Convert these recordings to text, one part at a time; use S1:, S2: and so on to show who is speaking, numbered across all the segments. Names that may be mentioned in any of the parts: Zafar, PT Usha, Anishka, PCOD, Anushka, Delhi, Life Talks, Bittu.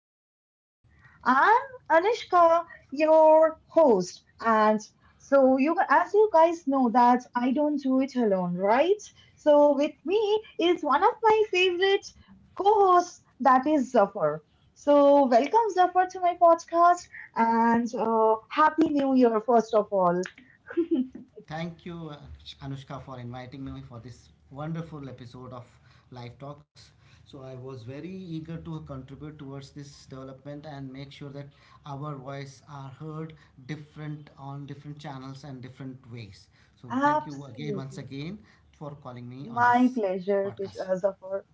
S1: Talks. I'm Anishka, your host, and so you as you guys know that I don't do it alone, right? So with me is one of my favorite co-hosts, that is Zafar. So welcome, Zafar, to my podcast, and happy New Year first of all.
S2: Thank you, Anushka, for inviting me for this wonderful episode of Life Talks. So, I was very eager to contribute towards this development and make sure that our voice are heard different on different channels and different ways. So, thank you again, once
S1: Absolutely.
S2: again, for calling me on
S1: My
S2: this
S1: pleasure,
S2: podcast.
S1: Zafar.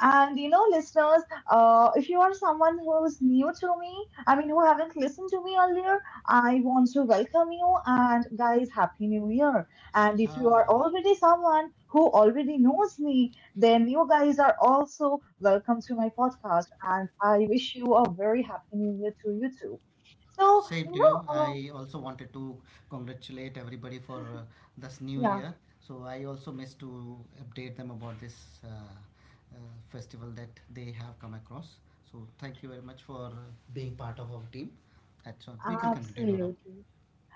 S1: And you know, listeners, if you are someone who's new to me, I mean, who haven't listened to me earlier, I want to welcome you. And guys, Happy New Year! And if you are
S2: Ah.
S1: already someone who already knows me, then you guys are also welcome to my podcast. And I wish you a very Happy New Year to you too. So,
S2: Same to you.
S1: know, uh,
S2: I also wanted to congratulate everybody for this new
S1: yeah,
S2: year. So I also missed to update them about this festival that they have come across. So thank you very much for being part of our team. That's all. We can continue now.
S1: absolutely.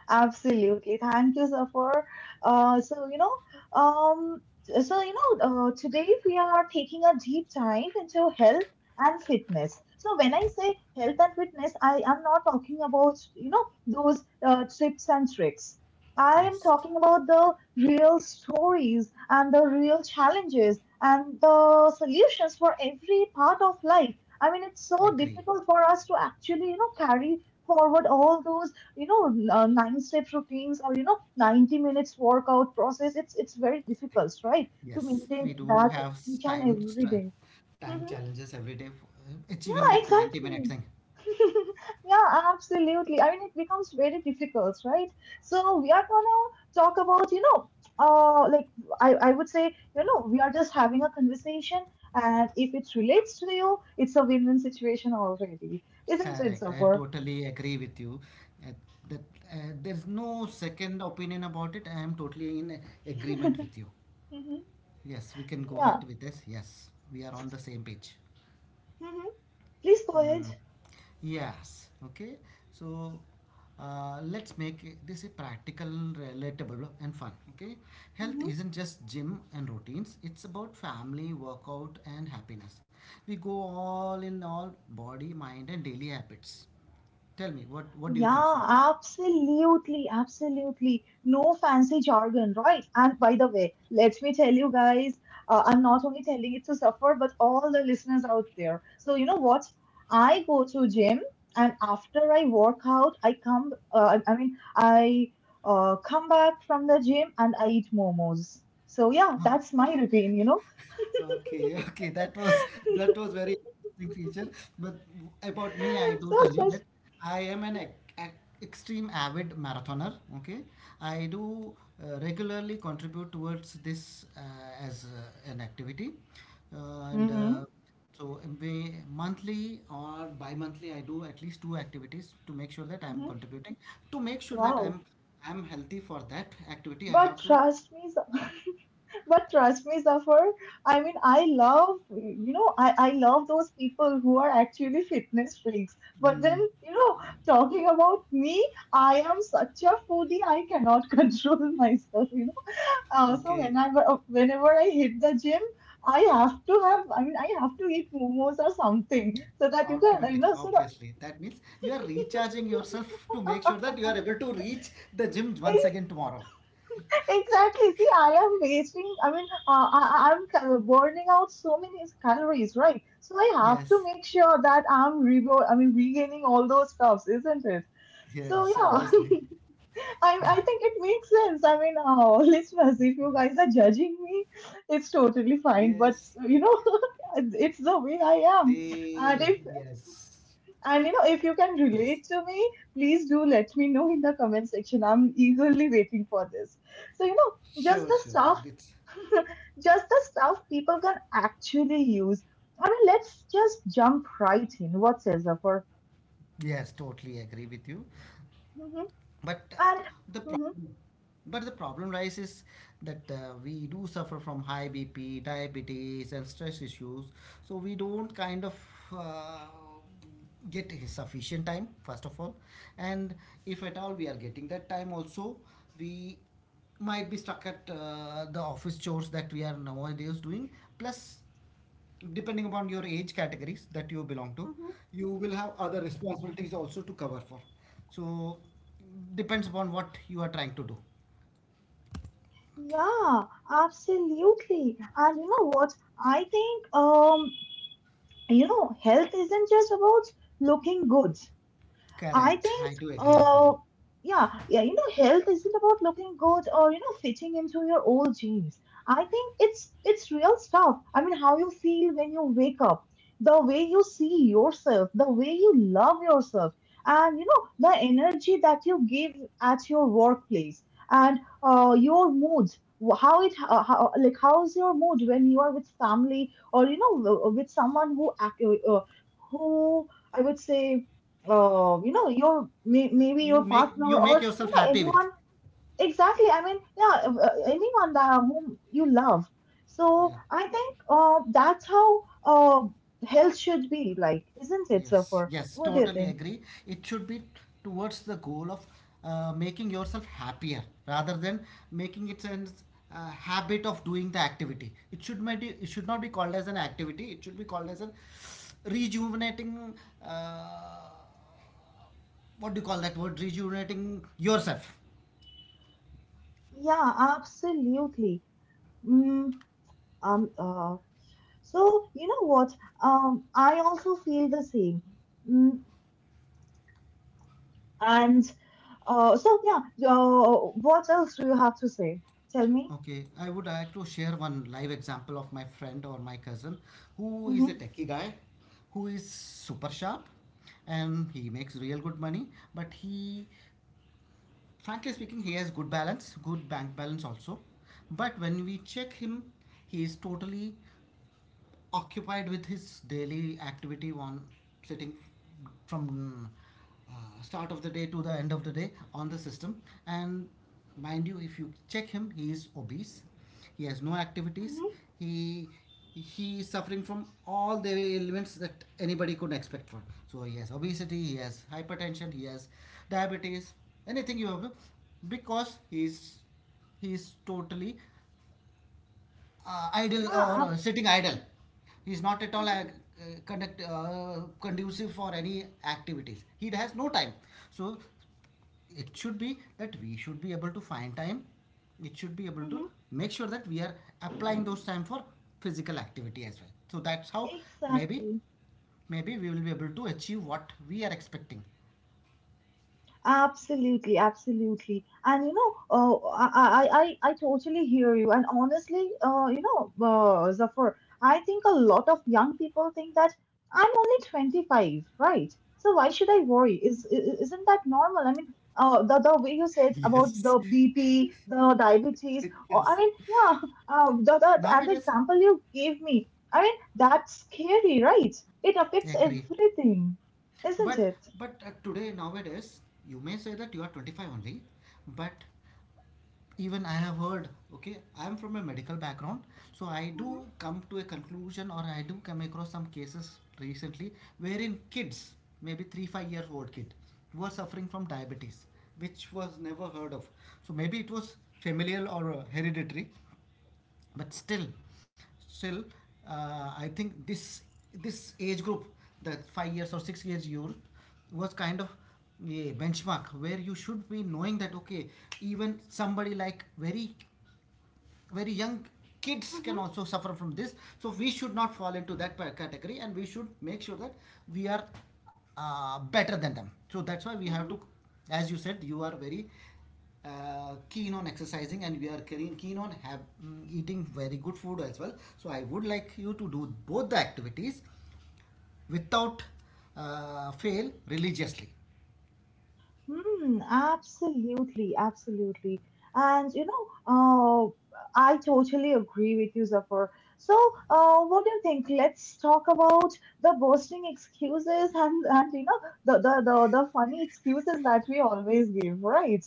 S1: Absolutely. Thank you, Zafar. Uh, so, you know, um, so, today we are taking a deep dive into health and fitness. So, when I say health and fitness, I am not talking about, those tips and tricks. I am
S2: Yes,
S1: talking about the real stories and the real challenges and the solutions for every part of life. I mean, it's so
S2: agree.
S1: difficult for us to actually, carry forward all those you know nine step routines or 90 minutes workout process. It's very difficult, right, to
S2: Yes,
S1: maintain
S2: we do
S1: that
S2: have
S1: each and every day.
S2: time
S1: Mhm.
S2: challenges every day for achieving
S1: Yeah,
S2: that 90-minute
S1: exactly.
S2: thing.
S1: Yeah, absolutely. I mean, it becomes very difficult, right? So we are gonna talk about, like I would say, we are just having a conversation, and if it relates to you, it's a win-win situation already, isn't it,
S2: Correct. I
S1: Zafar?
S2: totally agree with you. Uh, that there's no second opinion about it. I am totally in agreement
S1: Mhm.
S2: with you. Yes, we can go
S1: Yeah.
S2: ahead with this. Yes, we are on the same page.
S1: Mhm. Please go ahead.
S2: Mm. Yes. Okay. So let's make this a practical, relatable, and fun. Okay. Health
S1: Mhm.
S2: isn't just gym and routines. It's about family, workout, and happiness. We go all in all body, mind, and daily habits. Tell me, what
S1: Yeah,
S2: do you think, so?
S1: absolutely, absolutely. No fancy jargon, right? And by the way, let me tell you guys, I'm not only telling it to suffer, but all the listeners out there. So you know what? I go to gym, and after I work out, I come. I mean, I, come back from the gym and I eat momos. So yeah, that's my routine.
S2: Okay, okay, that was that was very interesting feature. But about me, I do
S1: So
S2: tell you
S1: just.
S2: that I am an extreme avid marathoner. Okay, I do regularly contribute towards this as an activity, and
S1: Hmm.
S2: so we monthly or bi-monthly, I do at least two activities to make sure that I am
S1: Hmm.
S2: contributing. To make sure that
S1: Wow.
S2: I'm healthy for that activity, I
S1: But
S2: have to.
S1: trust me, but trust me, Zafar. I mean, I love, you know, I love those people who are actually fitness freaks. But then,
S2: Mm,
S1: you know, talking about me, I am such a foodie. I cannot control myself. So
S2: okay.
S1: whenever I hit the gym, I have to have, I mean, I have to eat momos or something so that you can, you
S2: Automatically,
S1: know, so that
S2: obviously that means you are recharging yourself to make sure that you are able to reach the gym once again tomorrow.
S1: exactly. See, I am wasting, I mean, I'm burning out so many calories, right? So I have to
S2: Yes,
S1: make sure that I'm I mean, regaining all those stuffs, isn't it? So
S2: yes,
S1: yeah,
S2: obviously.
S1: I think it makes sense. I mean, listeners, if you guys are judging me, it's
S2: Yes, they,
S1: totally fine. But you know, it's the way I
S2: they.
S1: am. And if
S2: Yes,
S1: and if you
S2: yes.
S1: can relate to me, please do let me know in the comment section. I'm eagerly waiting for this. So,
S2: Sure,
S1: just
S2: sure.
S1: the stuff,
S2: It's
S1: just the stuff people can actually use. I mean, let's just jump right in. What says Zafar?
S2: yes, totally agree with you,
S1: Hmm.
S2: but
S1: And.
S2: the
S1: Hmm.
S2: problem but the problem arises that we do suffer from high BP, diabetes, and stress issues. So we don't kind of uh, get sufficient time, first of all. And if at all we are getting that time, also, we might be stuck at the office chores that we are nowadays doing. Plus, depending upon your age categories that you belong to,
S1: Hmm.
S2: you will have other responsibilities also to cover for. So depends upon what you are trying to do.
S1: Yeah, absolutely. And you know what? I think health isn't just about looking good. I
S2: Correct.
S1: think,
S2: I do agree with that.
S1: uh, yeah, yeah, health isn't about looking good or fitting into your old jeans. I think it's real stuff. I mean, how you feel when you wake up, the way you see yourself, the way you love yourself, and the energy that you give at your workplace, and your mood. How it how like how's your mood when you are with family or with someone who I would say, your maybe
S2: You
S1: your
S2: make you
S1: partner
S2: make
S1: or
S2: yourself happy with.
S1: anyone. Exactly. I mean, yeah, anyone that whom you love.
S2: Yeah.
S1: So I think, that's how, health should be, like, isn't it,
S2: Yes.
S1: suffer?
S2: Yes.
S1: What do you
S2: Totally
S1: think?
S2: agree. It should be towards the goal of making yourself happier rather than making it an habit of doing the activity. It should might be, it should not be called as an activity. It should be called as a rejuvenating. Uh, what do you call that word? Rejuvenating yourself.
S1: Yeah, absolutely. mm, um uh, so you know what? I also feel the same. mm, and, so yeah, uh, what else do you have to say? Tell me.
S2: Okay, I would like to share one live example of my friend or my cousin who is a
S1: Hmm.
S2: techie guy, who is super sharp and he makes real good money, but he, frankly speaking, he has good balance, good bank balance also. But when we check him, he is totally occupied with his daily activity on sitting from start of the day to the end of the day on the system, and mind you, if you check him, he is obese, he has no activities,
S1: Hmm.
S2: he he is suffering from all the ailments that anybody could expect from. So he has obesity, he has hypertension, he has diabetes, anything you have to, because he is totally idle or
S1: Yeah.
S2: sitting idle. He is not at all
S1: Mhm.
S2: uh, conducive for any activities. He has no time. So it should be that we should be able to find time. It should be able to
S1: Mhm.
S2: make sure that we are applying those time for physical activity as well. So that's how maybe,
S1: Exactly.
S2: maybe we will be able to achieve what we are expecting.
S1: Absolutely, absolutely. And you know, uh, I, I totally hear you. And honestly, Zafar, I think a lot of young people think that I'm only 25, right? So why should I worry? Is isn't that normal? I mean, the way you said
S2: Yes.
S1: about the BP, the diabetes,
S2: Yes.
S1: or I mean, yeah,
S2: Now it
S1: and the
S2: is
S1: example you gave me, I mean, that's scary, right? It affects
S2: agree.
S1: everything, isn't
S2: But
S1: it?
S2: but uh, today nowadays you may say that you are 25 only, but even I have heard, okay, I am from a medical background, so I do
S1: Hmm.
S2: come to a conclusion or I do come across some cases recently wherein kids, maybe 3 5 years old kid, were suffering from diabetes, which was never heard of. So maybe it was familial or hereditary, but still I think this age group, the 5 years or 6 years youth, was kind of a benchmark where you should be knowing that okay, even somebody like very young kids can
S1: Hmm.
S2: also suffer from this. So we should not fall into that category, and we should make sure that we are better than them. So that's why we have
S1: Hmm.
S2: to, as you said, you are very keen on exercising, and we are keen on have, mm, eating very good food as well. So I would like you to do both the activities without fail religiously.
S1: Hmm, absolutely, absolutely. And you know, I totally agree with you, Zafar. So, what do you think? Let's talk about the boasting excuses and and the funny excuses that we always give, right?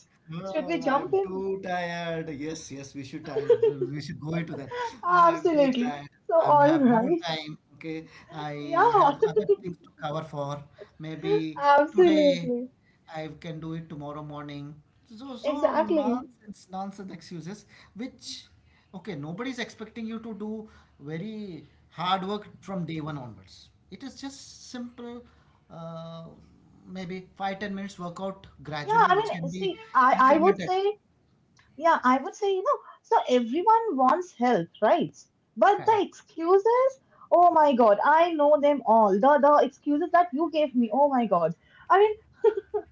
S1: Should we
S2: Oh,
S1: jump
S2: I'm
S1: in?
S2: too tired. Yes, yes, we should tired. We should go into that. Oh, I'm too
S1: Absolutely.
S2: tired.
S1: So,
S2: I am
S1: all
S2: have no
S1: right.
S2: time. Okay, I have
S1: Yeah.
S2: other things to cover for. Maybe today
S1: Absolutely.
S2: I can do it tomorrow morning. So, so
S1: Exactly.
S2: nonsense excuses, which okay, nobody is expecting you to do very hard work from day one onwards. It is just simple, uh, maybe 5 10 minutes workout
S1: Yeah,
S2: gradually,
S1: I
S2: which can
S1: mean,
S2: be
S1: see, I would
S2: incremented.
S1: say. Yeah, I would say, so everyone wants help, right? But
S2: Correct.
S1: the excuses, oh my God, I know them all. The excuses that you gave me, oh my God. I mean,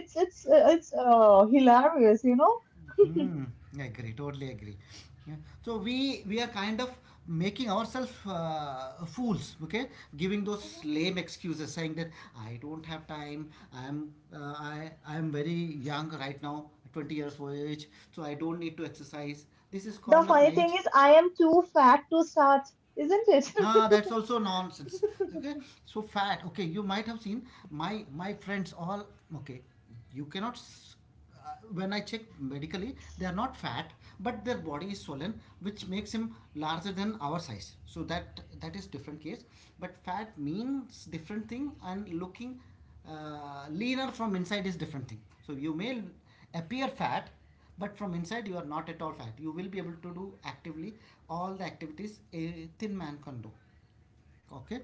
S1: it's hilarious.
S2: Hmm. I agree. Totally agree. Yeah. So we are kind of making ourselves fools. Okay, giving those lame excuses, saying that I don't have time. I am very young right now, 20 years of age, so I don't need to exercise. This is
S1: The
S2: kind of
S1: funny thing
S2: like,
S1: is, I am too fat to start, isn't it?
S2: ah, that's also nonsense. Okay, so fat. Okay, you might have seen my friends all. Okay, you cannot. Uh, when I check medically, they are not fat, but their body is swollen, which makes him larger than our size. So that is different case. But fat means different thing, and looking leaner from inside is different thing. So you may appear fat, but from inside you are not at all fat. You will be able to do actively all the activities a thin man can do. Okay,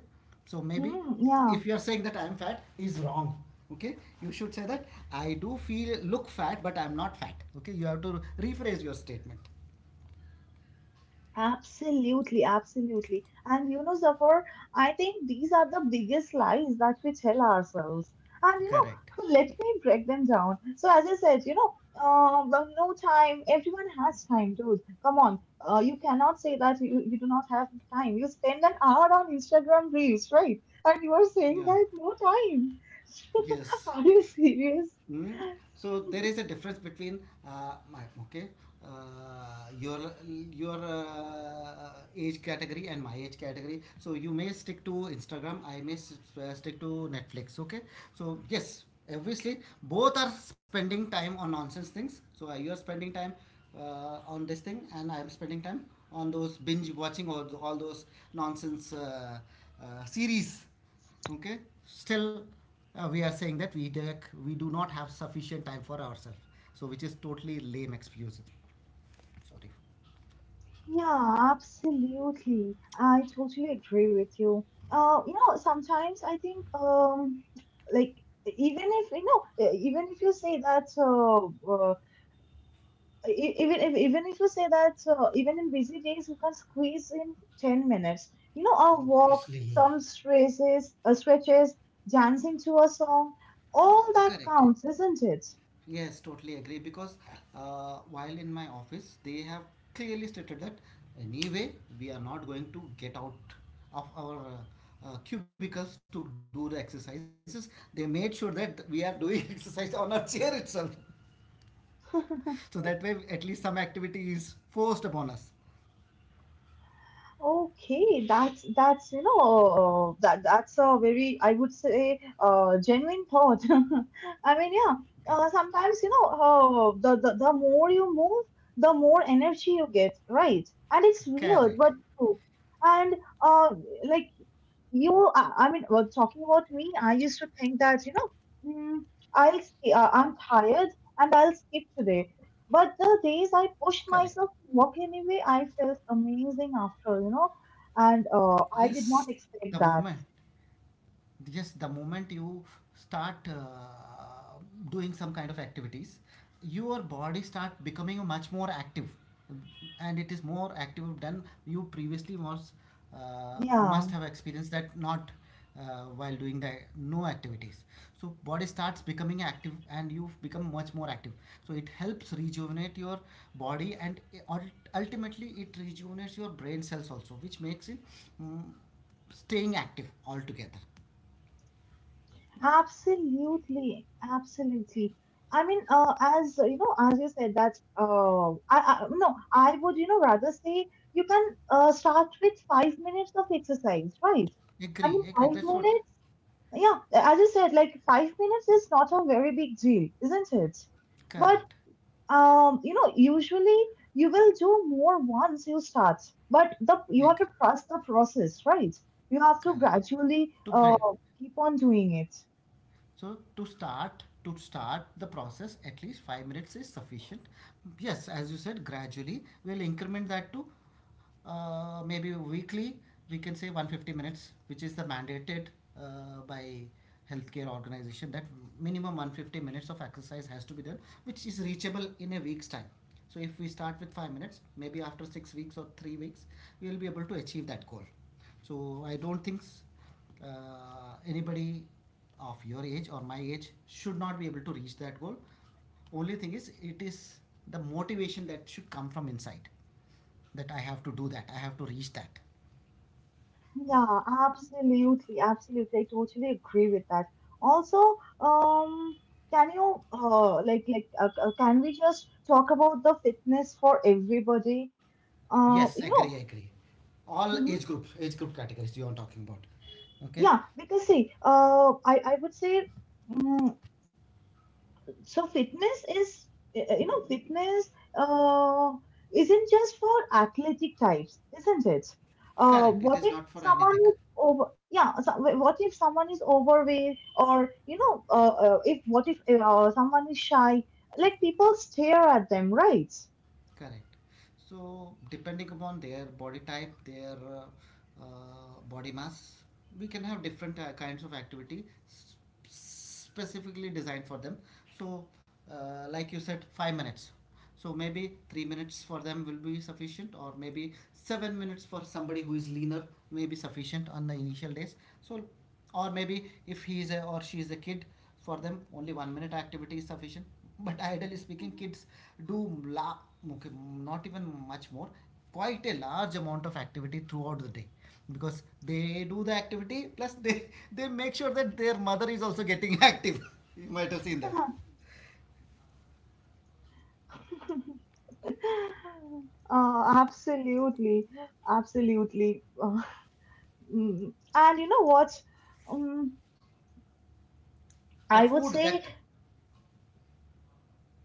S2: so maybe
S1: Mm, yeah.
S2: if you are saying that I am fat is wrong. Okay, you should say that I do feel look fat, but I am not fat. Okay, you have to rephrase your statement.
S1: Absolutely, absolutely. And you know, Zafar, I think these are the biggest lies that we tell ourselves. And you
S2: Correct.
S1: know, let me break them down. So, as I said, but no time. Everyone has time, dude. Come on. You cannot say that you do not have time. You spend an hour on Instagram Reels, right? And you are saying
S2: Yeah,
S1: that no time.
S2: yes.
S1: Are you serious?
S2: Hmm? So there is a difference between my okay uh, your your age category and my age category. So you may stick to Instagram. I may stick to Netflix. Okay. So yes, obviously both are spending time on nonsense things. So you are spending time on this thing, and I am spending time on those binge watching or all those nonsense series. Okay, still we are saying that we do not have sufficient time for ourselves. So which is totally lame excuse, sorry.
S1: Yeah, absolutely. I totally agree with you. Sometimes I think, like even if you even if you say that, even if you say that, even in busy days you can squeeze in 10 minutes. You know, a walk,
S2: Obviously.
S1: some stretches, dancing to a song, all that
S2: Correct.
S1: counts, isn't it?
S2: Yes, totally agree. Because while in my office, they have clearly stated that anyway, we are not going to get out of our cubicles to do the exercises. They made sure that we are doing exercise on our chair itself. So that way, at least some activity is forced upon us.
S1: Okay, that's you know that that's a very, I would say, genuine thought. I mean, yeah.
S2: Okay.
S1: Sometimes the more you move, the more energy you get, right? And it's weird, but
S2: Correct.
S1: true. And uh, like you, I mean, well, talking about me, I used to think that mm, I'm tired and I'll skip today. But the days I pushed
S2: Correct.
S1: myself to walk anyway, I felt amazing after, and I did
S2: Yes,
S1: not
S2: the
S1: expect
S2: movement.
S1: that.
S2: Just the moment you start doing some kind of activities, your body start becoming much more active, and it is more active than you previously was must
S1: Yeah,
S2: have experienced that not while doing the no activities. So body starts becoming active and you become much more active. So it helps rejuvenate your body, and ultimately it rejuvenates your brain cells also, which makes it, mm, staying active altogether.
S1: absolutely, absolutely. I mean, as you know, as you said that, I no, I would rather say you can start with 5 minutes of exercise, right? I mean,
S2: Agree, agree.
S1: five
S2: That's what.
S1: minutes. Yeah, as you said, like 5 minutes is not a very big deal, isn't it? But
S2: Correct.
S1: usually you will do more once you start, but the you
S2: Yeah,
S1: have to trust the process, right? You have to
S2: correct.
S1: gradually
S2: To break.
S1: keep on doing it.
S2: So to start the process at least 5 minutes is sufficient. Yes, as you said, gradually we'll increment that to maybe weekly we can say 150 minutes, which is the mandated by healthcare organization that minimum 150 minutes of exercise has to be done, which is reachable in a week's time. So if we start with 5 minutes, maybe after 6 weeks or 3 weeks we will be able to achieve that goal. So I don't think anybody of your age or my age should not be able to reach that goal. Only thing is it is the motivation that should come from inside, that I have to do that, I have to reach that.
S1: Yeah, absolutely, absolutely. I totally agree with that. Also, um, can you like can we just talk about the fitness for everybody? Uh,
S2: Yes,
S1: you
S2: agree,
S1: know,
S2: agree. All
S1: mhm.
S2: age group categories you are talking about. Okay,
S1: Yeah, because see, I would say. mm, so fitness is you know fitness uh, isn't just for athletic types, isn't it?
S2: correct, it
S1: What
S2: is
S1: if
S2: not for
S1: someone
S2: anything.
S1: is over. Yeah, so, what if someone is overweight or if what if, someone is shy, like people stare at them, right?
S2: Correct. So, depending upon their body type, their body mass, we can have different kinds of specifically designed for them. So, like you said, 5 minutes. So maybe 3 minutes for them will be sufficient, or maybe 7 minutes for somebody who is leaner may be sufficient on the initial days. So, or maybe if he is a, or she is a kid, for them only 1 minute activity is sufficient, but ideally speaking, kids do la- okay, not even much more, quite a large amount of activity throughout the day, because they do the activity plus they make sure that their mother is also getting active you might have seen that.
S1: Absolutely, absolutely. Mm. And you know what? um,
S2: The
S1: I
S2: food
S1: would
S2: that
S1: say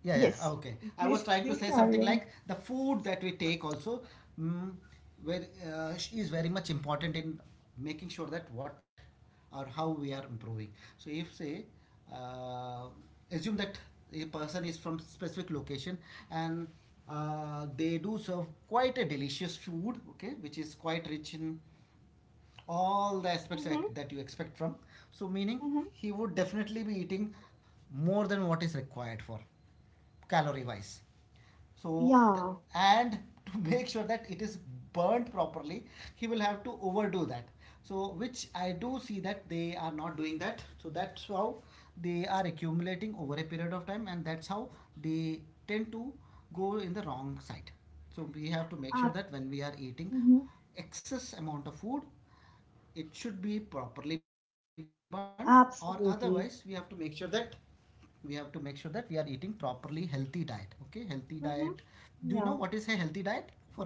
S2: Yeah, yeah, ah,
S1: yes.
S2: okay. I was
S1: Please,
S2: trying to
S1: please
S2: say
S1: carry
S2: something
S1: on.
S2: like the food that we take also, mm, where is very much important in making sure that what or how we are improving. So if say, uh, assume that a person is from specific location, and they do serve quite a delicious food, okay, which is quite rich in all the aspects
S1: Mm-hmm.
S2: that you expect from. So, meaning
S1: Mm-hmm.
S2: he would definitely be eating more than what is required for calorie wise. So,
S1: Yeah.
S2: and to make sure that it is burnt properly, he will have to overdo that. So, which I do see that they are not doing that. So, that's how they are accumulating over a period of time, and that's how they tend to go in the wrong side. So, we have to make
S1: Uh,
S2: sure that when we are eating
S1: mm-hmm.
S2: excess amount of food, it should be properly burnt, or otherwise we have to make sure that
S1: Absolutely.
S2: we have to make sure that we are eating properly healthy diet, okay, healthy diet. Do you
S1: Mm-hmm.
S2: know what is a
S1: Yeah.
S2: healthy diet for everybody?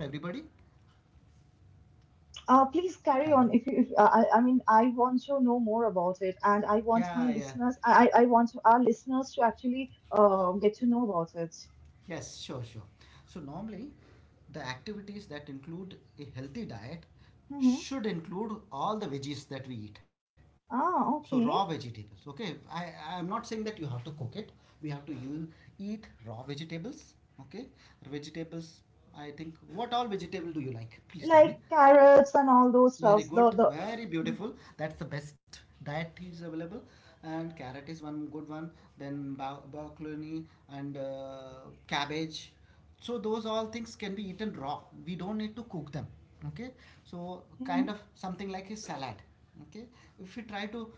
S1: Please
S2: Hello.
S1: carry on. If you, if I mean, I want to know more about it, and I want
S2: Yeah,
S1: my
S2: yeah.
S1: listeners, I want our listeners to actually get to know about it.
S2: Yes, sure, sure. So normally, the activities that include a healthy diet
S1: Mm-hmm.
S2: should include all the veggies that we eat. So
S1: Ah,
S2: raw
S1: okay.
S2: vegetables. Okay, I am not saying that you have to cook it. We have to eat raw vegetables. Okay, vegetables. I think what all vegetable do you like? Please tell me.
S1: Like carrots and all those
S2: Very
S1: stuffs. The
S2: good,
S1: the.
S2: very beautiful. That's the best diet is available. And carrot is one good one. Then broccoli and cabbage. So those all things can be eaten raw. We don't need to cook them. Okay. So kind
S1: Mm-hmm.
S2: of something like a salad. Okay. If we try to,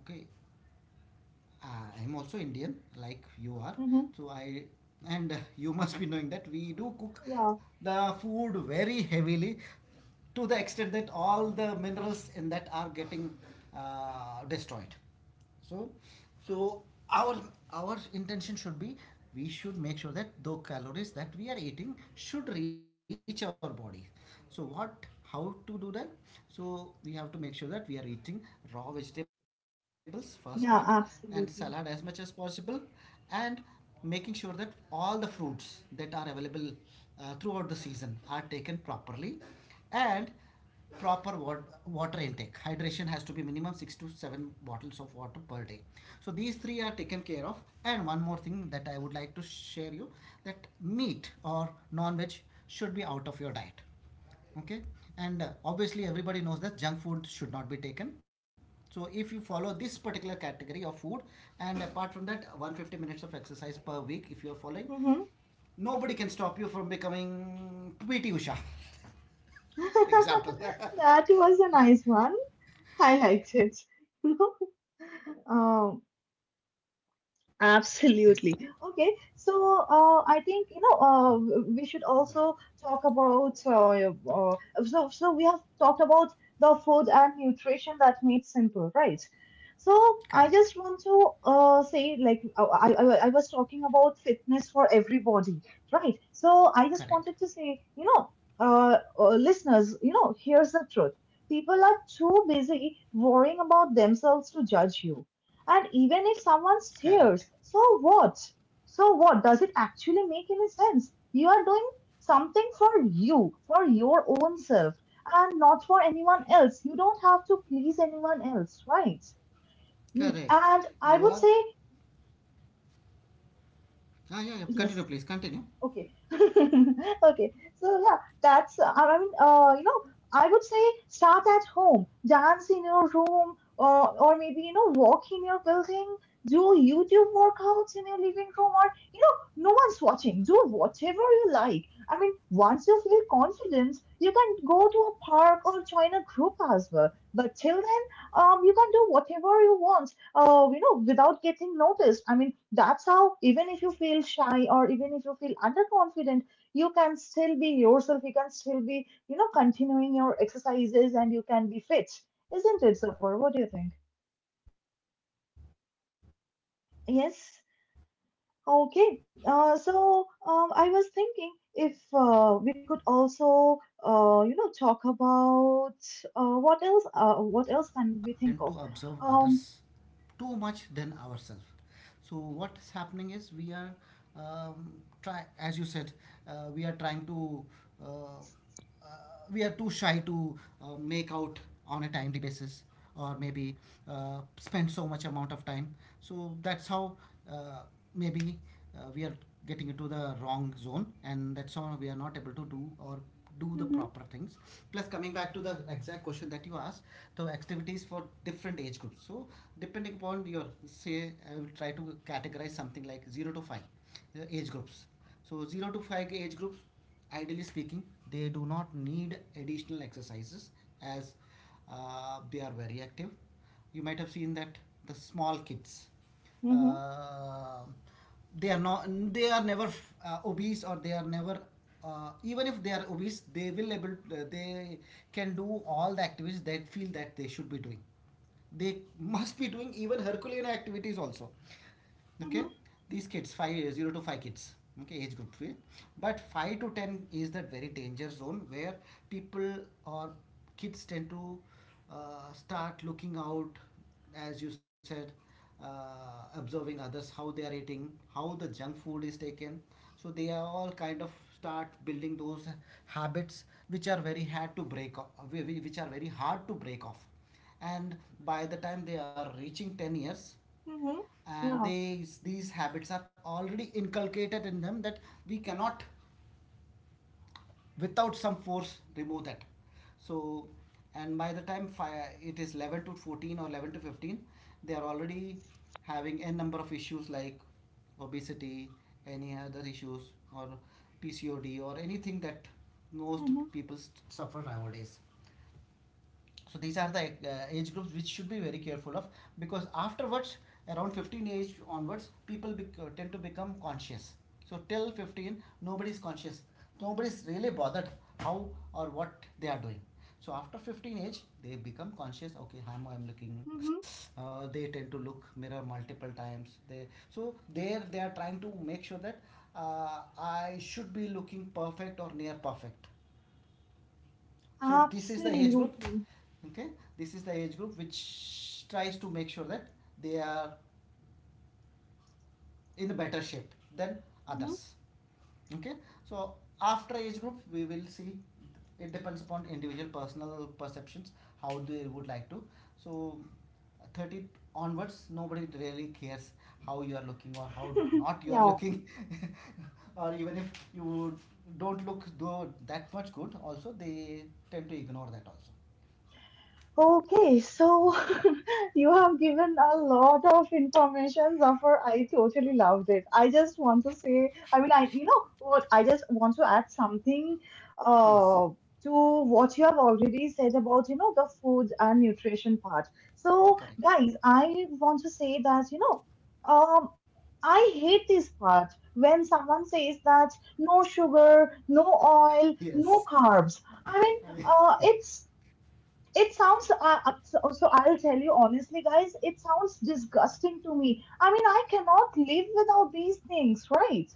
S2: okay, uh, I'm also Indian, like you are.
S1: Mm-hmm.
S2: So I and you must be knowing that we do cook
S1: Yeah.
S2: the food very heavily, to the extent that all the minerals in that are getting destroyed. So, so, our our intention should be we should make sure that the calories that we are eating should reach our body. So what how to do that? So we have to make sure that we are eating raw vegetables, first part, and salad as
S1: Yeah.
S2: much as possible,
S1: Absolutely.
S2: and making sure that all the fruits that are available throughout the season are taken properly, and proper water intake, hydration, has to be minimum 6 to 7 bottles of water per day. So these three are taken care of, and one more thing that I would like to share you, that meat or non-veg should be out of your diet, okay, and obviously everybody knows that junk food should not be taken. So if you follow this particular category of food, and apart from that, 150 minutes of exercise per week, if you are following,
S1: Mm-hmm.
S2: nobody can stop you from becoming PT Usha example.
S1: That was a nice one. I liked it. Um. Okay, so I think we should also talk about so so we have talked about the food and nutrition that meets simple, right? So
S2: Correct.
S1: I just want to say, like, I was talking about fitness for everybody, right?
S2: Correct.
S1: So I just wanted to say, listeners, here's the truth: people are too busy worrying about themselves to judge you. And even
S2: Correct.
S1: if someone stares, so what? So what, does it actually make any sense? You are doing something for you, for your own self, and not for anyone else. You don't have to please anyone else, right?
S2: Correct. You are.
S1: And I would say
S2: Ah, yeah, yeah. Continue, please. Continue.
S1: yes. Okay. Okay. So yeah, that's I mean, you know, I would say start at home, dance in your room, or maybe walk in your building, do YouTube workouts in your living room, or you know, no one's watching. Do whatever you like. I mean, once you feel confident, you can go to a park or join a group as well. But till then, you can do whatever you want you know, without getting noticed. I mean, that's how, even if you feel shy or even if you feel underconfident, you can still be yourself. You can still be, you know, continuing your exercises and you can be fit. Isn't it, Safar? What do you
S2: Agree.
S1: think?
S2: Yes, totally agree. Totally agree. This is
S1: Yes.
S2: just now 2 minutes back,
S1: Okay.
S2: you gave the reference of
S1: I was
S2: Instagram.
S1: thinking
S2: So
S1: if
S2: it is
S1: we
S2: because
S1: could
S2: of being
S1: also,
S2: online most of the time
S1: talk
S2: that we tend to
S1: about
S2: observe others
S1: what
S2: too
S1: else
S2: much
S1: can
S2: than
S1: we think of?
S2: ourselves. So
S1: Um,
S2: what is happening is we are um, try as you said, we are trying to uh, uh, we are too shy to make out on a timely basis, or maybe spend so much amount of time. So that's how, uh, maybe we are getting into the wrong zone, and that's how we are not able to do the proper things.
S1: mm-hmm,
S2: Plus coming back to the exact question that you asked, the activities for different age groups. So depending upon your say, I will try to categorize something like 0 to 5 age groups. So 0 to 5 K age groups, ideally speaking, they do not need additional exercises, as they are very active. You might have seen that the small kids,
S1: mm-hmm,
S2: uh, they are not they are never obese, or they are never even if they are obese, they will able they can do all the activities that feel that they should be doing. They must be doing even Herculean activities also.
S1: mm-hmm,
S2: Okay, these kids, five zero to five kids, okay, age group. Eh? But 5 to 10 is that very danger zone where people or kids tend to start looking out, as you said, observing others, how they are eating, how the junk food is taken. So they are all kind of start building those habits which are very hard to break off, which are very hard to break off. And by the time they are reaching 10 years,
S1: mm-hmm,
S2: and
S1: yeah.
S2: they, these habits are already inculcated in them, that we cannot without some force remove that. So and by the time it is 11 to 14 or 11 to 15, they are already having n number of issues, like obesity, any other issues, or PCOD, or anything that most
S1: Mm-hmm.
S2: people suffer nowadays. So these are the age groups which should be very careful of, because afterwards, around 15 age onwards, people tend to become conscious. So till 15, nobody is conscious, nobody is really bothered how or what they are doing. So after 15 age, they become conscious. Okay, how am I'm looking.
S1: Mm-hmm.
S2: They tend to look mirror multiple times, they so there they are trying to make sure that uh, I should be looking perfect or near perfect. So this is the age group.
S1: Absolutely.
S2: Okay, this is the age group which tries to make sure that they are in a better shape than
S1: Mhm.
S2: others. Okay, so after age group, we will see. It depends upon individual personal perceptions, how they would like to. So 30 onwards, nobody really cares how you are looking or how not you are
S1: Yeah.
S2: looking. Or even if you don't look though that much good also, they tend to ignore that also.
S1: Okay, so you have given a lot of information, Zafar. I totally loved it. I just want to say, you know what, I just want to add something
S2: Please.
S1: uh, to what you have already said about, you know, the food and nutrition part. So,
S2: Correct.
S1: guys, I want to say that, you know, um, I hate this part when someone says that no sugar, no oil,
S2: Yes.
S1: no carbs. I mean, uh, it's it sounds, so I'll tell you honestly, guys, it sounds disgusting to me. I mean, I cannot live without these things, right?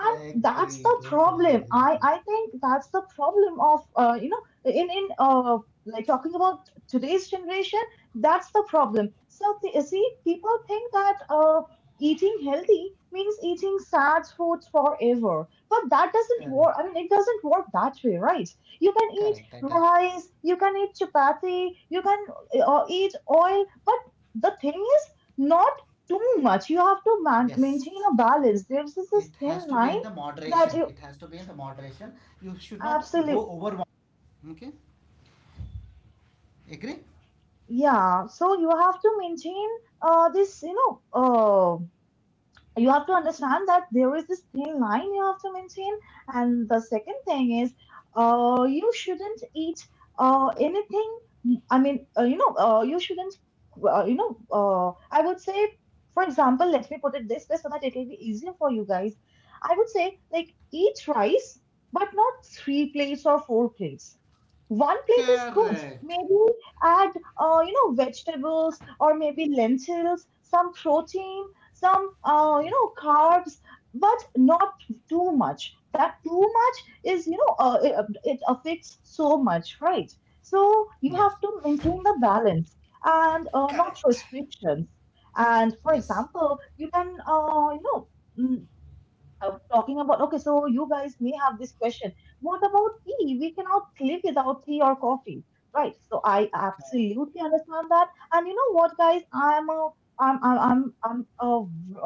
S2: I
S1: that's
S2: agree.
S1: the
S2: Totally
S1: problem.
S2: agree with
S1: I,
S2: you.
S1: I think that's the problem of, you know, in like talking about today's generation, that's the problem. So, see, people think that eating healthy means eating sad foods forever. But that doesn't
S2: Correct.
S1: work. I mean, it doesn't work that way, right? You can eat
S2: Correct. That does.
S1: rice, you can eat chapati, you can eat oil, but the thing is not too much. You have to maintain
S2: Yes.
S1: a balance. There's this
S2: It
S1: thin
S2: has to be in
S1: line
S2: the
S1: that
S2: moderation.
S1: you
S2: It has to be in the moderation. You should not
S1: absolutely
S2: go over. Okay. Agree?
S1: yeah. So you have to maintain this you know you have to understand that there is this thin line you have to maintain. And the second thing is, you shouldn't eat anything. I mean, you know, you shouldn't, you know, I would say, for example, let me put it this way so that it will be easier for you guys. I would say, like, eat rice, but not three plates or four plates, one plate is good.
S2: Correct.
S1: Maybe add vegetables or maybe lentils, some protein, some
S2: Agree.
S1: carbs, but not too much. That too much is it affects so much, right? So you
S2: Yes.
S1: have to maintain the balance and not
S2: Correct.
S1: restrictions. And for
S2: Yes.
S1: example you can mm, talking about, okay, so you guys may have this question: what about tea, we cannot live without tea or coffee, right? So I
S2: Correct.
S1: absolutely understand that. And you know what guys, I am a I'm a,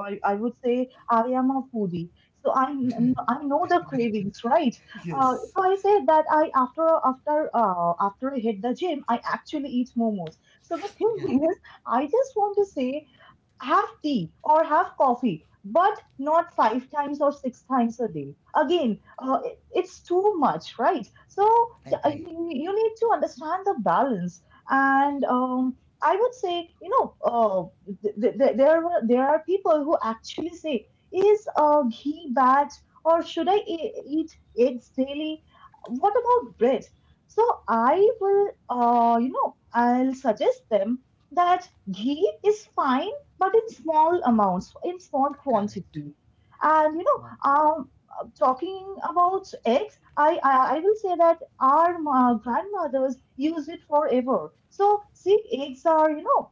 S1: I would say I am a foodie, so I know the cravings, right? So
S2: Yes.
S1: I said that I, after I hit the gym, I actually eat momos. So the
S2: Yeah.
S1: thing is I just want to say have tea or have coffee, but not five times or six times a day. Again, it's too much, right? So I
S2: Agree.
S1: mean, you need to understand the balance. And I would say, there are people who actually say, is ghee bad, or should I eat eggs daily? What about bread? So I will, I'll suggest them that ghee is fine, but in small amounts, in small
S2: Correct.
S1: quantity. And you
S2: Mo-
S1: know, talking about eggs, I will say that our grandmothers use it forever. So see, eggs are, you know,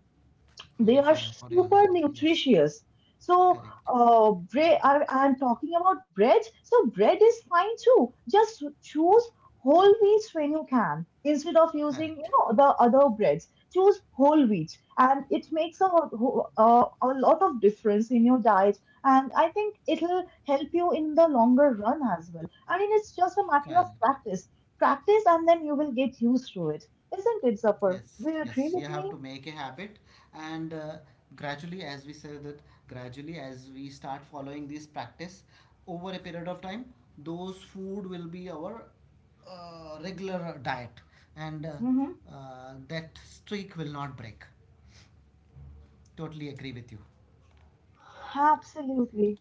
S1: they
S2: Very
S1: are
S2: fine for your
S1: super
S2: health. Yes.
S1: nutritious. So
S2: Correct.
S1: bread, I'm talking about bread, so bread is fine too. Just choose whole wheat when you can, instead of using,
S2: Correct.
S1: you know, the other breads. Choose whole wheat and it makes a lot of difference in your diet, and I think it'll help you in the longer run as well. I mean, it's just a matter of
S2: Correct.
S1: practice. Practice and then you will get used to it. Isn't it, Zafar?
S2: Yes,
S1: Do you
S2: yes,
S1: agree
S2: you
S1: with
S2: have
S1: me?
S2: to make a habit, and gradually, as we said that, gradually, as we start following this practice over a period of time, those food will be our regular diet, and
S1: Mm-hmm.
S2: that streak will not break. Totally agree with you.
S1: Absolutely.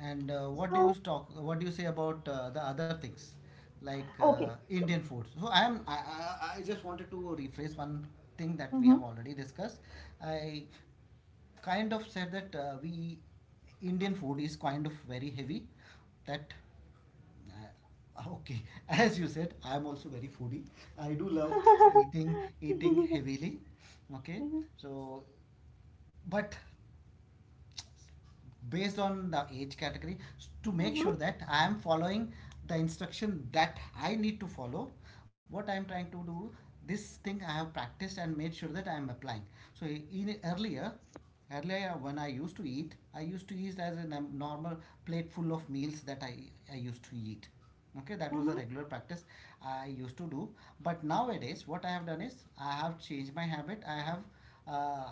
S2: And what do you
S1: So,
S2: talk? What do you say about the other things, like
S1: okay.
S2: Indian
S1: So,
S2: food? So I am. I just wanted to rephrase one thing that we have
S1: mhm.
S2: already discussed. I kind of said that we Indian food is kind of very heavy. That okay, as you said, I am also very foodie. I do love eating heavily. Okay,
S1: Mhm,
S2: so but based on the age category, to make
S1: mhm,
S2: sure that I am following the instruction that I need to follow. What I am trying to do, this thing I have practiced and made sure that I am applying. So in earlier, when I used to eat, I used to eat as a normal plate full of meals that I used to eat. Okay, that was a
S1: mhm,
S2: regular practice I used to do. But nowadays, what I have done is I have changed my habit. Uh,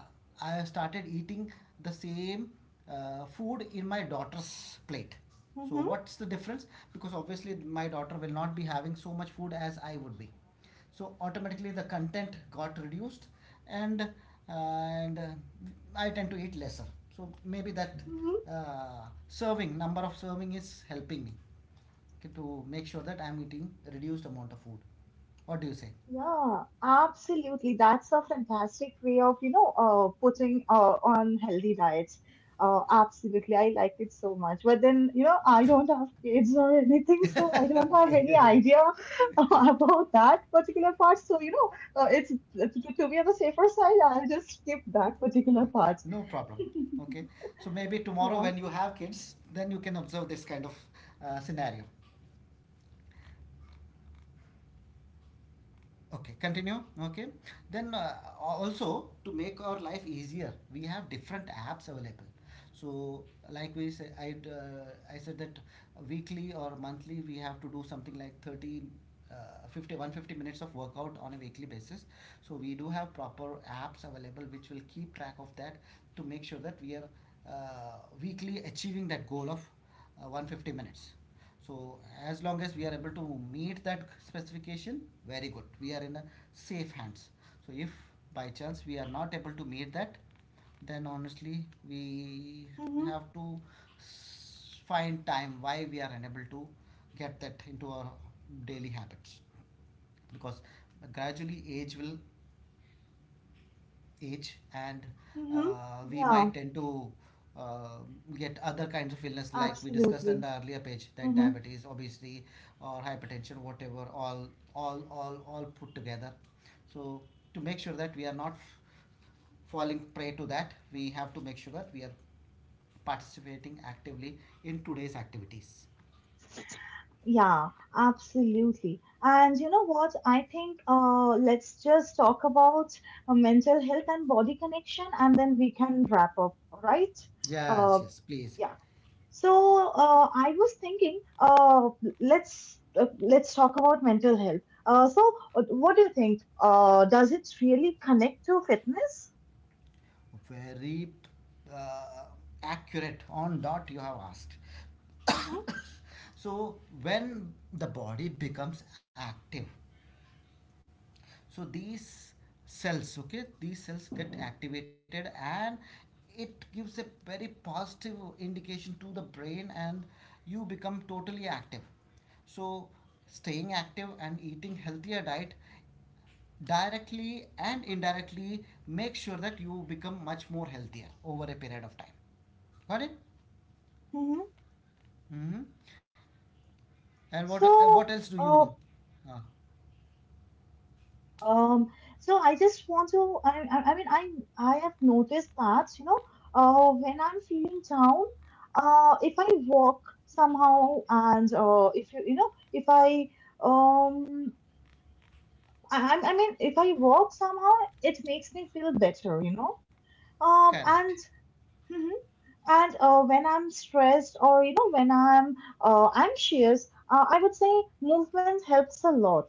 S2: I have started eating the same food in my daughter's plate. So
S1: mhm,
S2: what's the difference? Because obviously my daughter will not be having so much food as I would be, so automatically the content got reduced. And I tend to eat lesser. So maybe that
S1: mhm.
S2: uh, serving number of serving is helping me, okay, to make sure that I'm eating a reduced amount of food. What do you say?
S1: Yeah, absolutely. That's a fantastic way of, you know, putting on healthy diets. Absolutely. I liked it so much. But then, you know, I don't have kids or anything, so I don't have
S2: Okay,
S1: any
S2: okay.
S1: idea about that particular part. So, you know, it's to, to be on the safer side, I'll just skip that particular part.
S2: No problem. Okay. So maybe tomorrow
S1: Yeah.
S2: when you have kids, then you can observe this kind of scenario. Okay, continue. Okay, then also, to make our life easier, we have different apps available. So like we say, I said that weekly or monthly we have to do something like 30 50 150 minutes of workout on a weekly basis. So we do have proper apps available which will keep track of that, to make sure that we are weekly achieving that goal of 150 minutes. So as long as we are able to meet that specification, very good. We are in a safe hands. So if by chance we are not able to meet that, then honestly we
S1: Mm-hmm.
S2: have to find time why we are unable to get that into our daily habits, because gradually age and
S1: Mm-hmm.
S2: we
S1: Yeah,
S2: might tend to uh, get other kinds of illness, like we discussed in
S1: absolutely.
S2: the earlier page, that
S1: Mm-hmm.
S2: diabetes obviously or hypertension, whatever, all put together. So to make sure that we are not falling prey to that, we have to make sure that we are participating actively in today's activities.
S1: Yeah, absolutely. And you know what? I think let's just talk about mental health and body connection, and then we can wrap up, right? Uh,
S2: Yes, yes, please.
S1: yeah. So I was thinking, let's talk about mental health. What do you think? Does it really connect to fitness?
S2: Very uh, accurate on dot you have asked.
S1: Mm-hmm.
S2: So when the body becomes active, so these cells get activated, and it gives a very positive indication to the brain, and you become totally active. So staying active and eating healthier diet directly and indirectly make sure that you become much more healthier over a period of time. Got it.
S1: Mm-hmm.
S2: Mm-hmm. And what else
S1: So,
S2: do you.
S1: uh,
S2: uh,
S1: Um, so I just want to, I mean, I have noticed that, you know, when I'm feeling down, if I walk somehow and, if you, you know, if I, um, I mean, if I walk somehow, it makes me feel better, you know,
S2: Correct.
S1: and And when I'm stressed, or you know when I'm anxious, I would say movement helps a lot.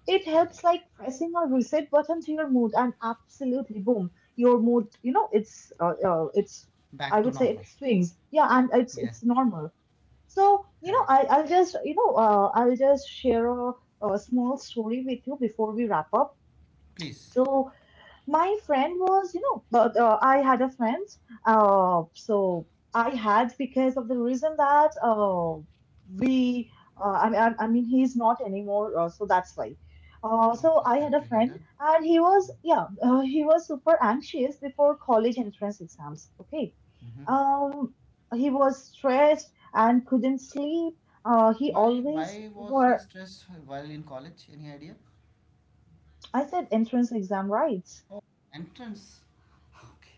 S1: It helps
S2: Correct.
S1: like pressing a reset button to your mood, and absolutely, boom, your mood. You know, it's,
S2: Back
S1: I
S2: to
S1: would say,
S2: normal.
S1: it swings. Yeah, and
S2: Yeah.
S1: it's normal. So you know,
S2: Correct.
S1: I'll just share a small story with you before we wrap up.
S2: Please.
S1: So my friend was, you know, but I had a friend. So I had because of the reason that we, I mean, he's not anymore. So that's why. So
S2: Okay,
S1: I
S2: sad
S1: had
S2: to
S1: a
S2: hear
S1: friend,
S2: that.
S1: and he was, yeah, he was super anxious before college entrance exams. Okay.
S2: Mm-hmm.
S1: Um, he was stressed and couldn't sleep. He
S2: why
S1: always
S2: why was he
S1: were.
S2: stressed while in college? Any idea?
S1: I said entrance exam, right?
S2: Oh, entrance. Okay.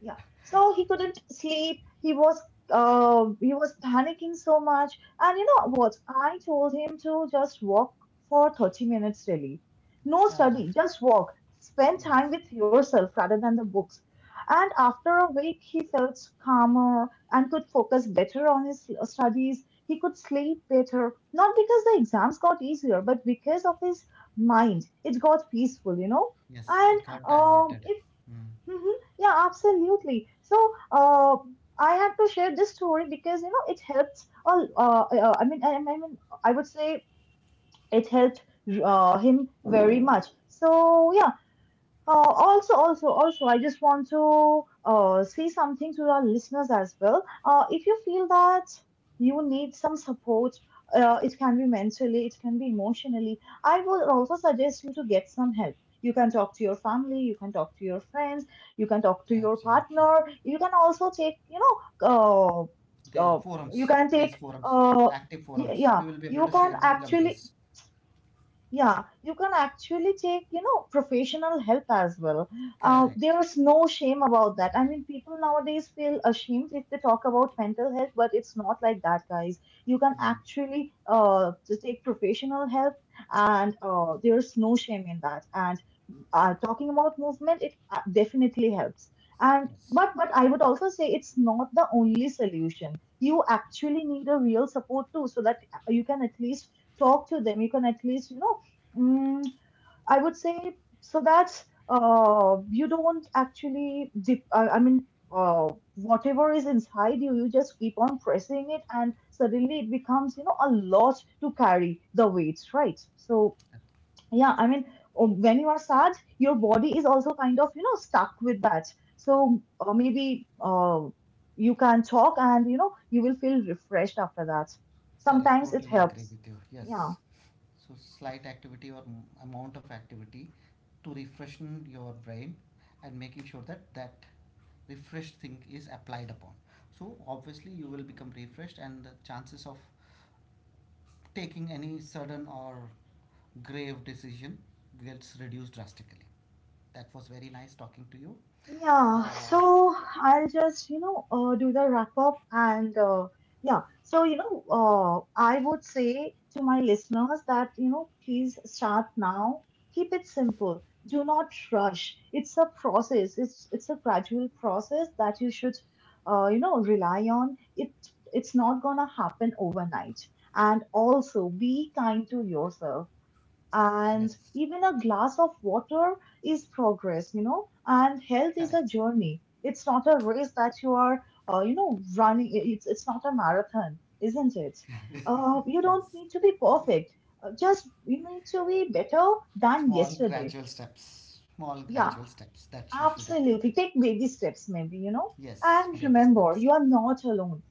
S1: Yeah. So he couldn't sleep. He was panicking so much. And you know what? I told him to just walk for 30 minutes daily. No
S2: Ah,
S1: study, just walk. Spend
S2: yes,
S1: time with yourself rather than the books. And after a week, he felt calmer and could focus better on his studies. He could sleep better, not because the exams got easier, but because of his mind. It got peaceful, you know.
S2: yes,
S1: And
S2: it got diverted.
S1: if
S2: Mm,
S1: Mhm. Yeah, absolutely. So, uh, I had to share this story because you know it helped. I would say it helped him very much. So yeah, also, I just want to say something to our listeners as well. If you feel that you need some support, it can be mentally, it can be emotionally, I would also suggest you to get some help. You can talk to your family, you can talk to your friends, you can talk to your
S2: absolutely.
S1: partner, you can also take, you know, uh, uh, you can
S2: These
S1: take,
S2: forums, active
S1: y-
S2: forums,
S1: yeah,
S2: we will be able
S1: you
S2: to
S1: can
S2: share them like
S1: actually
S2: this.
S1: yeah, you can actually take, you know, professional help as well.
S2: Correct.
S1: There is no shame about that. I mean, people nowadays feel ashamed if they talk about mental health, but it's not like that, guys. You can
S2: Yeah.
S1: actually to take professional help, and there's no shame in that. And talking about movement, it definitely helps. And
S2: Yes.
S1: but I would also say it's not the only solution. You actually need a real support too, so that you can at least talk to them. You can at least you know, mm, I would say so that you don't actually dip, I mean. Uh, whatever is inside you, you just keep on pressing it, and suddenly it becomes, you know, a lot to carry the weights, right? So
S2: Uh,
S1: yeah, I mean, when you are sad, your body is also kind of, you know, stuck with that. So maybe you can talk and you know you will feel refreshed after that.
S2: Correct.
S1: Sometimes it
S2: Totally agree
S1: helps.
S2: with you.
S1: Yeah.
S2: Yes. So slight activity or amount of activity to refreshen your brain, and making sure that that refreshed thing is applied upon. So obviously you will become refreshed, and the chances of taking any sudden or grave decision gets reduced drastically. That was very nice talking to you.
S1: Yeah,
S2: Uh,
S1: so I'll just, you know, do the wrap up. And yeah, so you know, I would say to my listeners that, you know, please start now. Keep it simple. Do not rush. It's a process. It's a gradual process that you should, rely on. It's not gonna happen overnight. And also be kind to yourself, and
S2: that's
S1: even a glass of water is progress, you know. And health is a
S2: correct.
S1: journey, it's not a race that you are running. It's not a marathon, isn't it? Uh, you don't
S2: Yes.
S1: need to be perfect. Just you need to be better than
S2: Small
S1: yesterday.
S2: gradual steps. Small
S1: Yeah,
S2: gradual steps that you should add.
S1: absolutely, take baby steps maybe, you know.
S2: Yes, baby
S1: And
S2: steps.
S1: remember, you are not alone,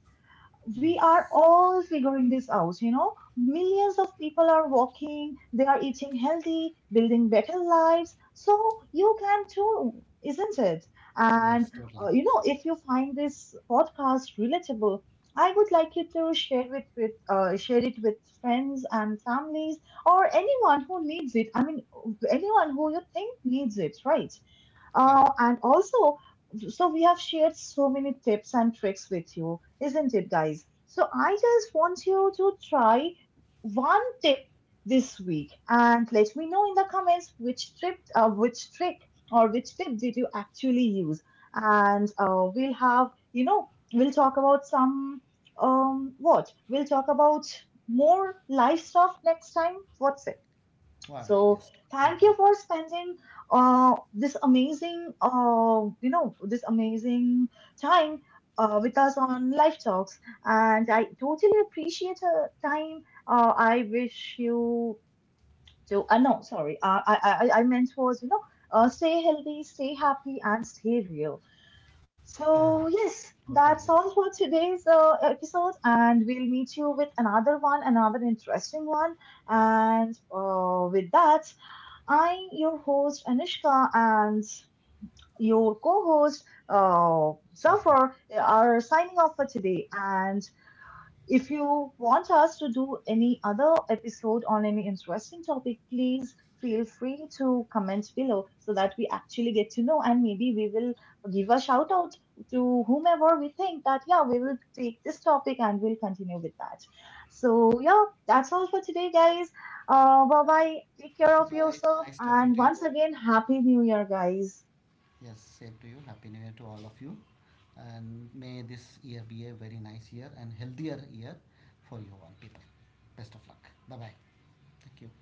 S1: we
S2: Yes.
S1: are all figuring this out, you know. Millions of people are walking, they are eating healthy, building better lives. So you can too, isn't it?
S2: Yes,
S1: And,
S2: totally.
S1: you know, if you find this podcast relatable, I would like you to share it with friends and families, or anyone who needs it. I mean, anyone who you think needs it, right?
S2: Correct.
S1: And also, so we have shared so many tips and tricks with you, isn't it, guys? So I just want you to try one tip this week and let me know in the comments which which trick or which tip did you actually use. And we'll have, you know, we'll talk about some, what? we'll talk about more life stuff next time. What's it?
S2: Well,
S1: So
S2: yes, totally
S1: thank you
S2: agree.
S1: for spending this amazing time with us on live Talks. And I totally appreciate your time. I wish you to, no, sorry, I meant was, you know, stay healthy, stay happy, and stay real.
S2: Correct.
S1: So, yes,
S2: Totally
S1: that's
S2: agree.
S1: all for today's episode. And we'll meet you with another one, another interesting one. And with that, your host Anushka, and your co host
S2: Safa.
S1: Zafar are signing off for today. And if you want us to do any other episode on any interesting topic, please feel free to comment below so that we actually get to know, and maybe we will give a shout out to whomever we think that, yeah, we will take this topic and we'll continue with that. So, yeah, that's all for today, guys. Bye bye. Take care
S2: Bye
S1: of
S2: bye.
S1: yourself.
S2: Nice talking
S1: And
S2: to
S1: once
S2: you.
S1: again, Happy New Year, guys.
S2: Yes, same to you. Happy New Year to all of you. And may this year be a very nice year and healthier year for you all people. Best of luck. Bye bye. Thank you.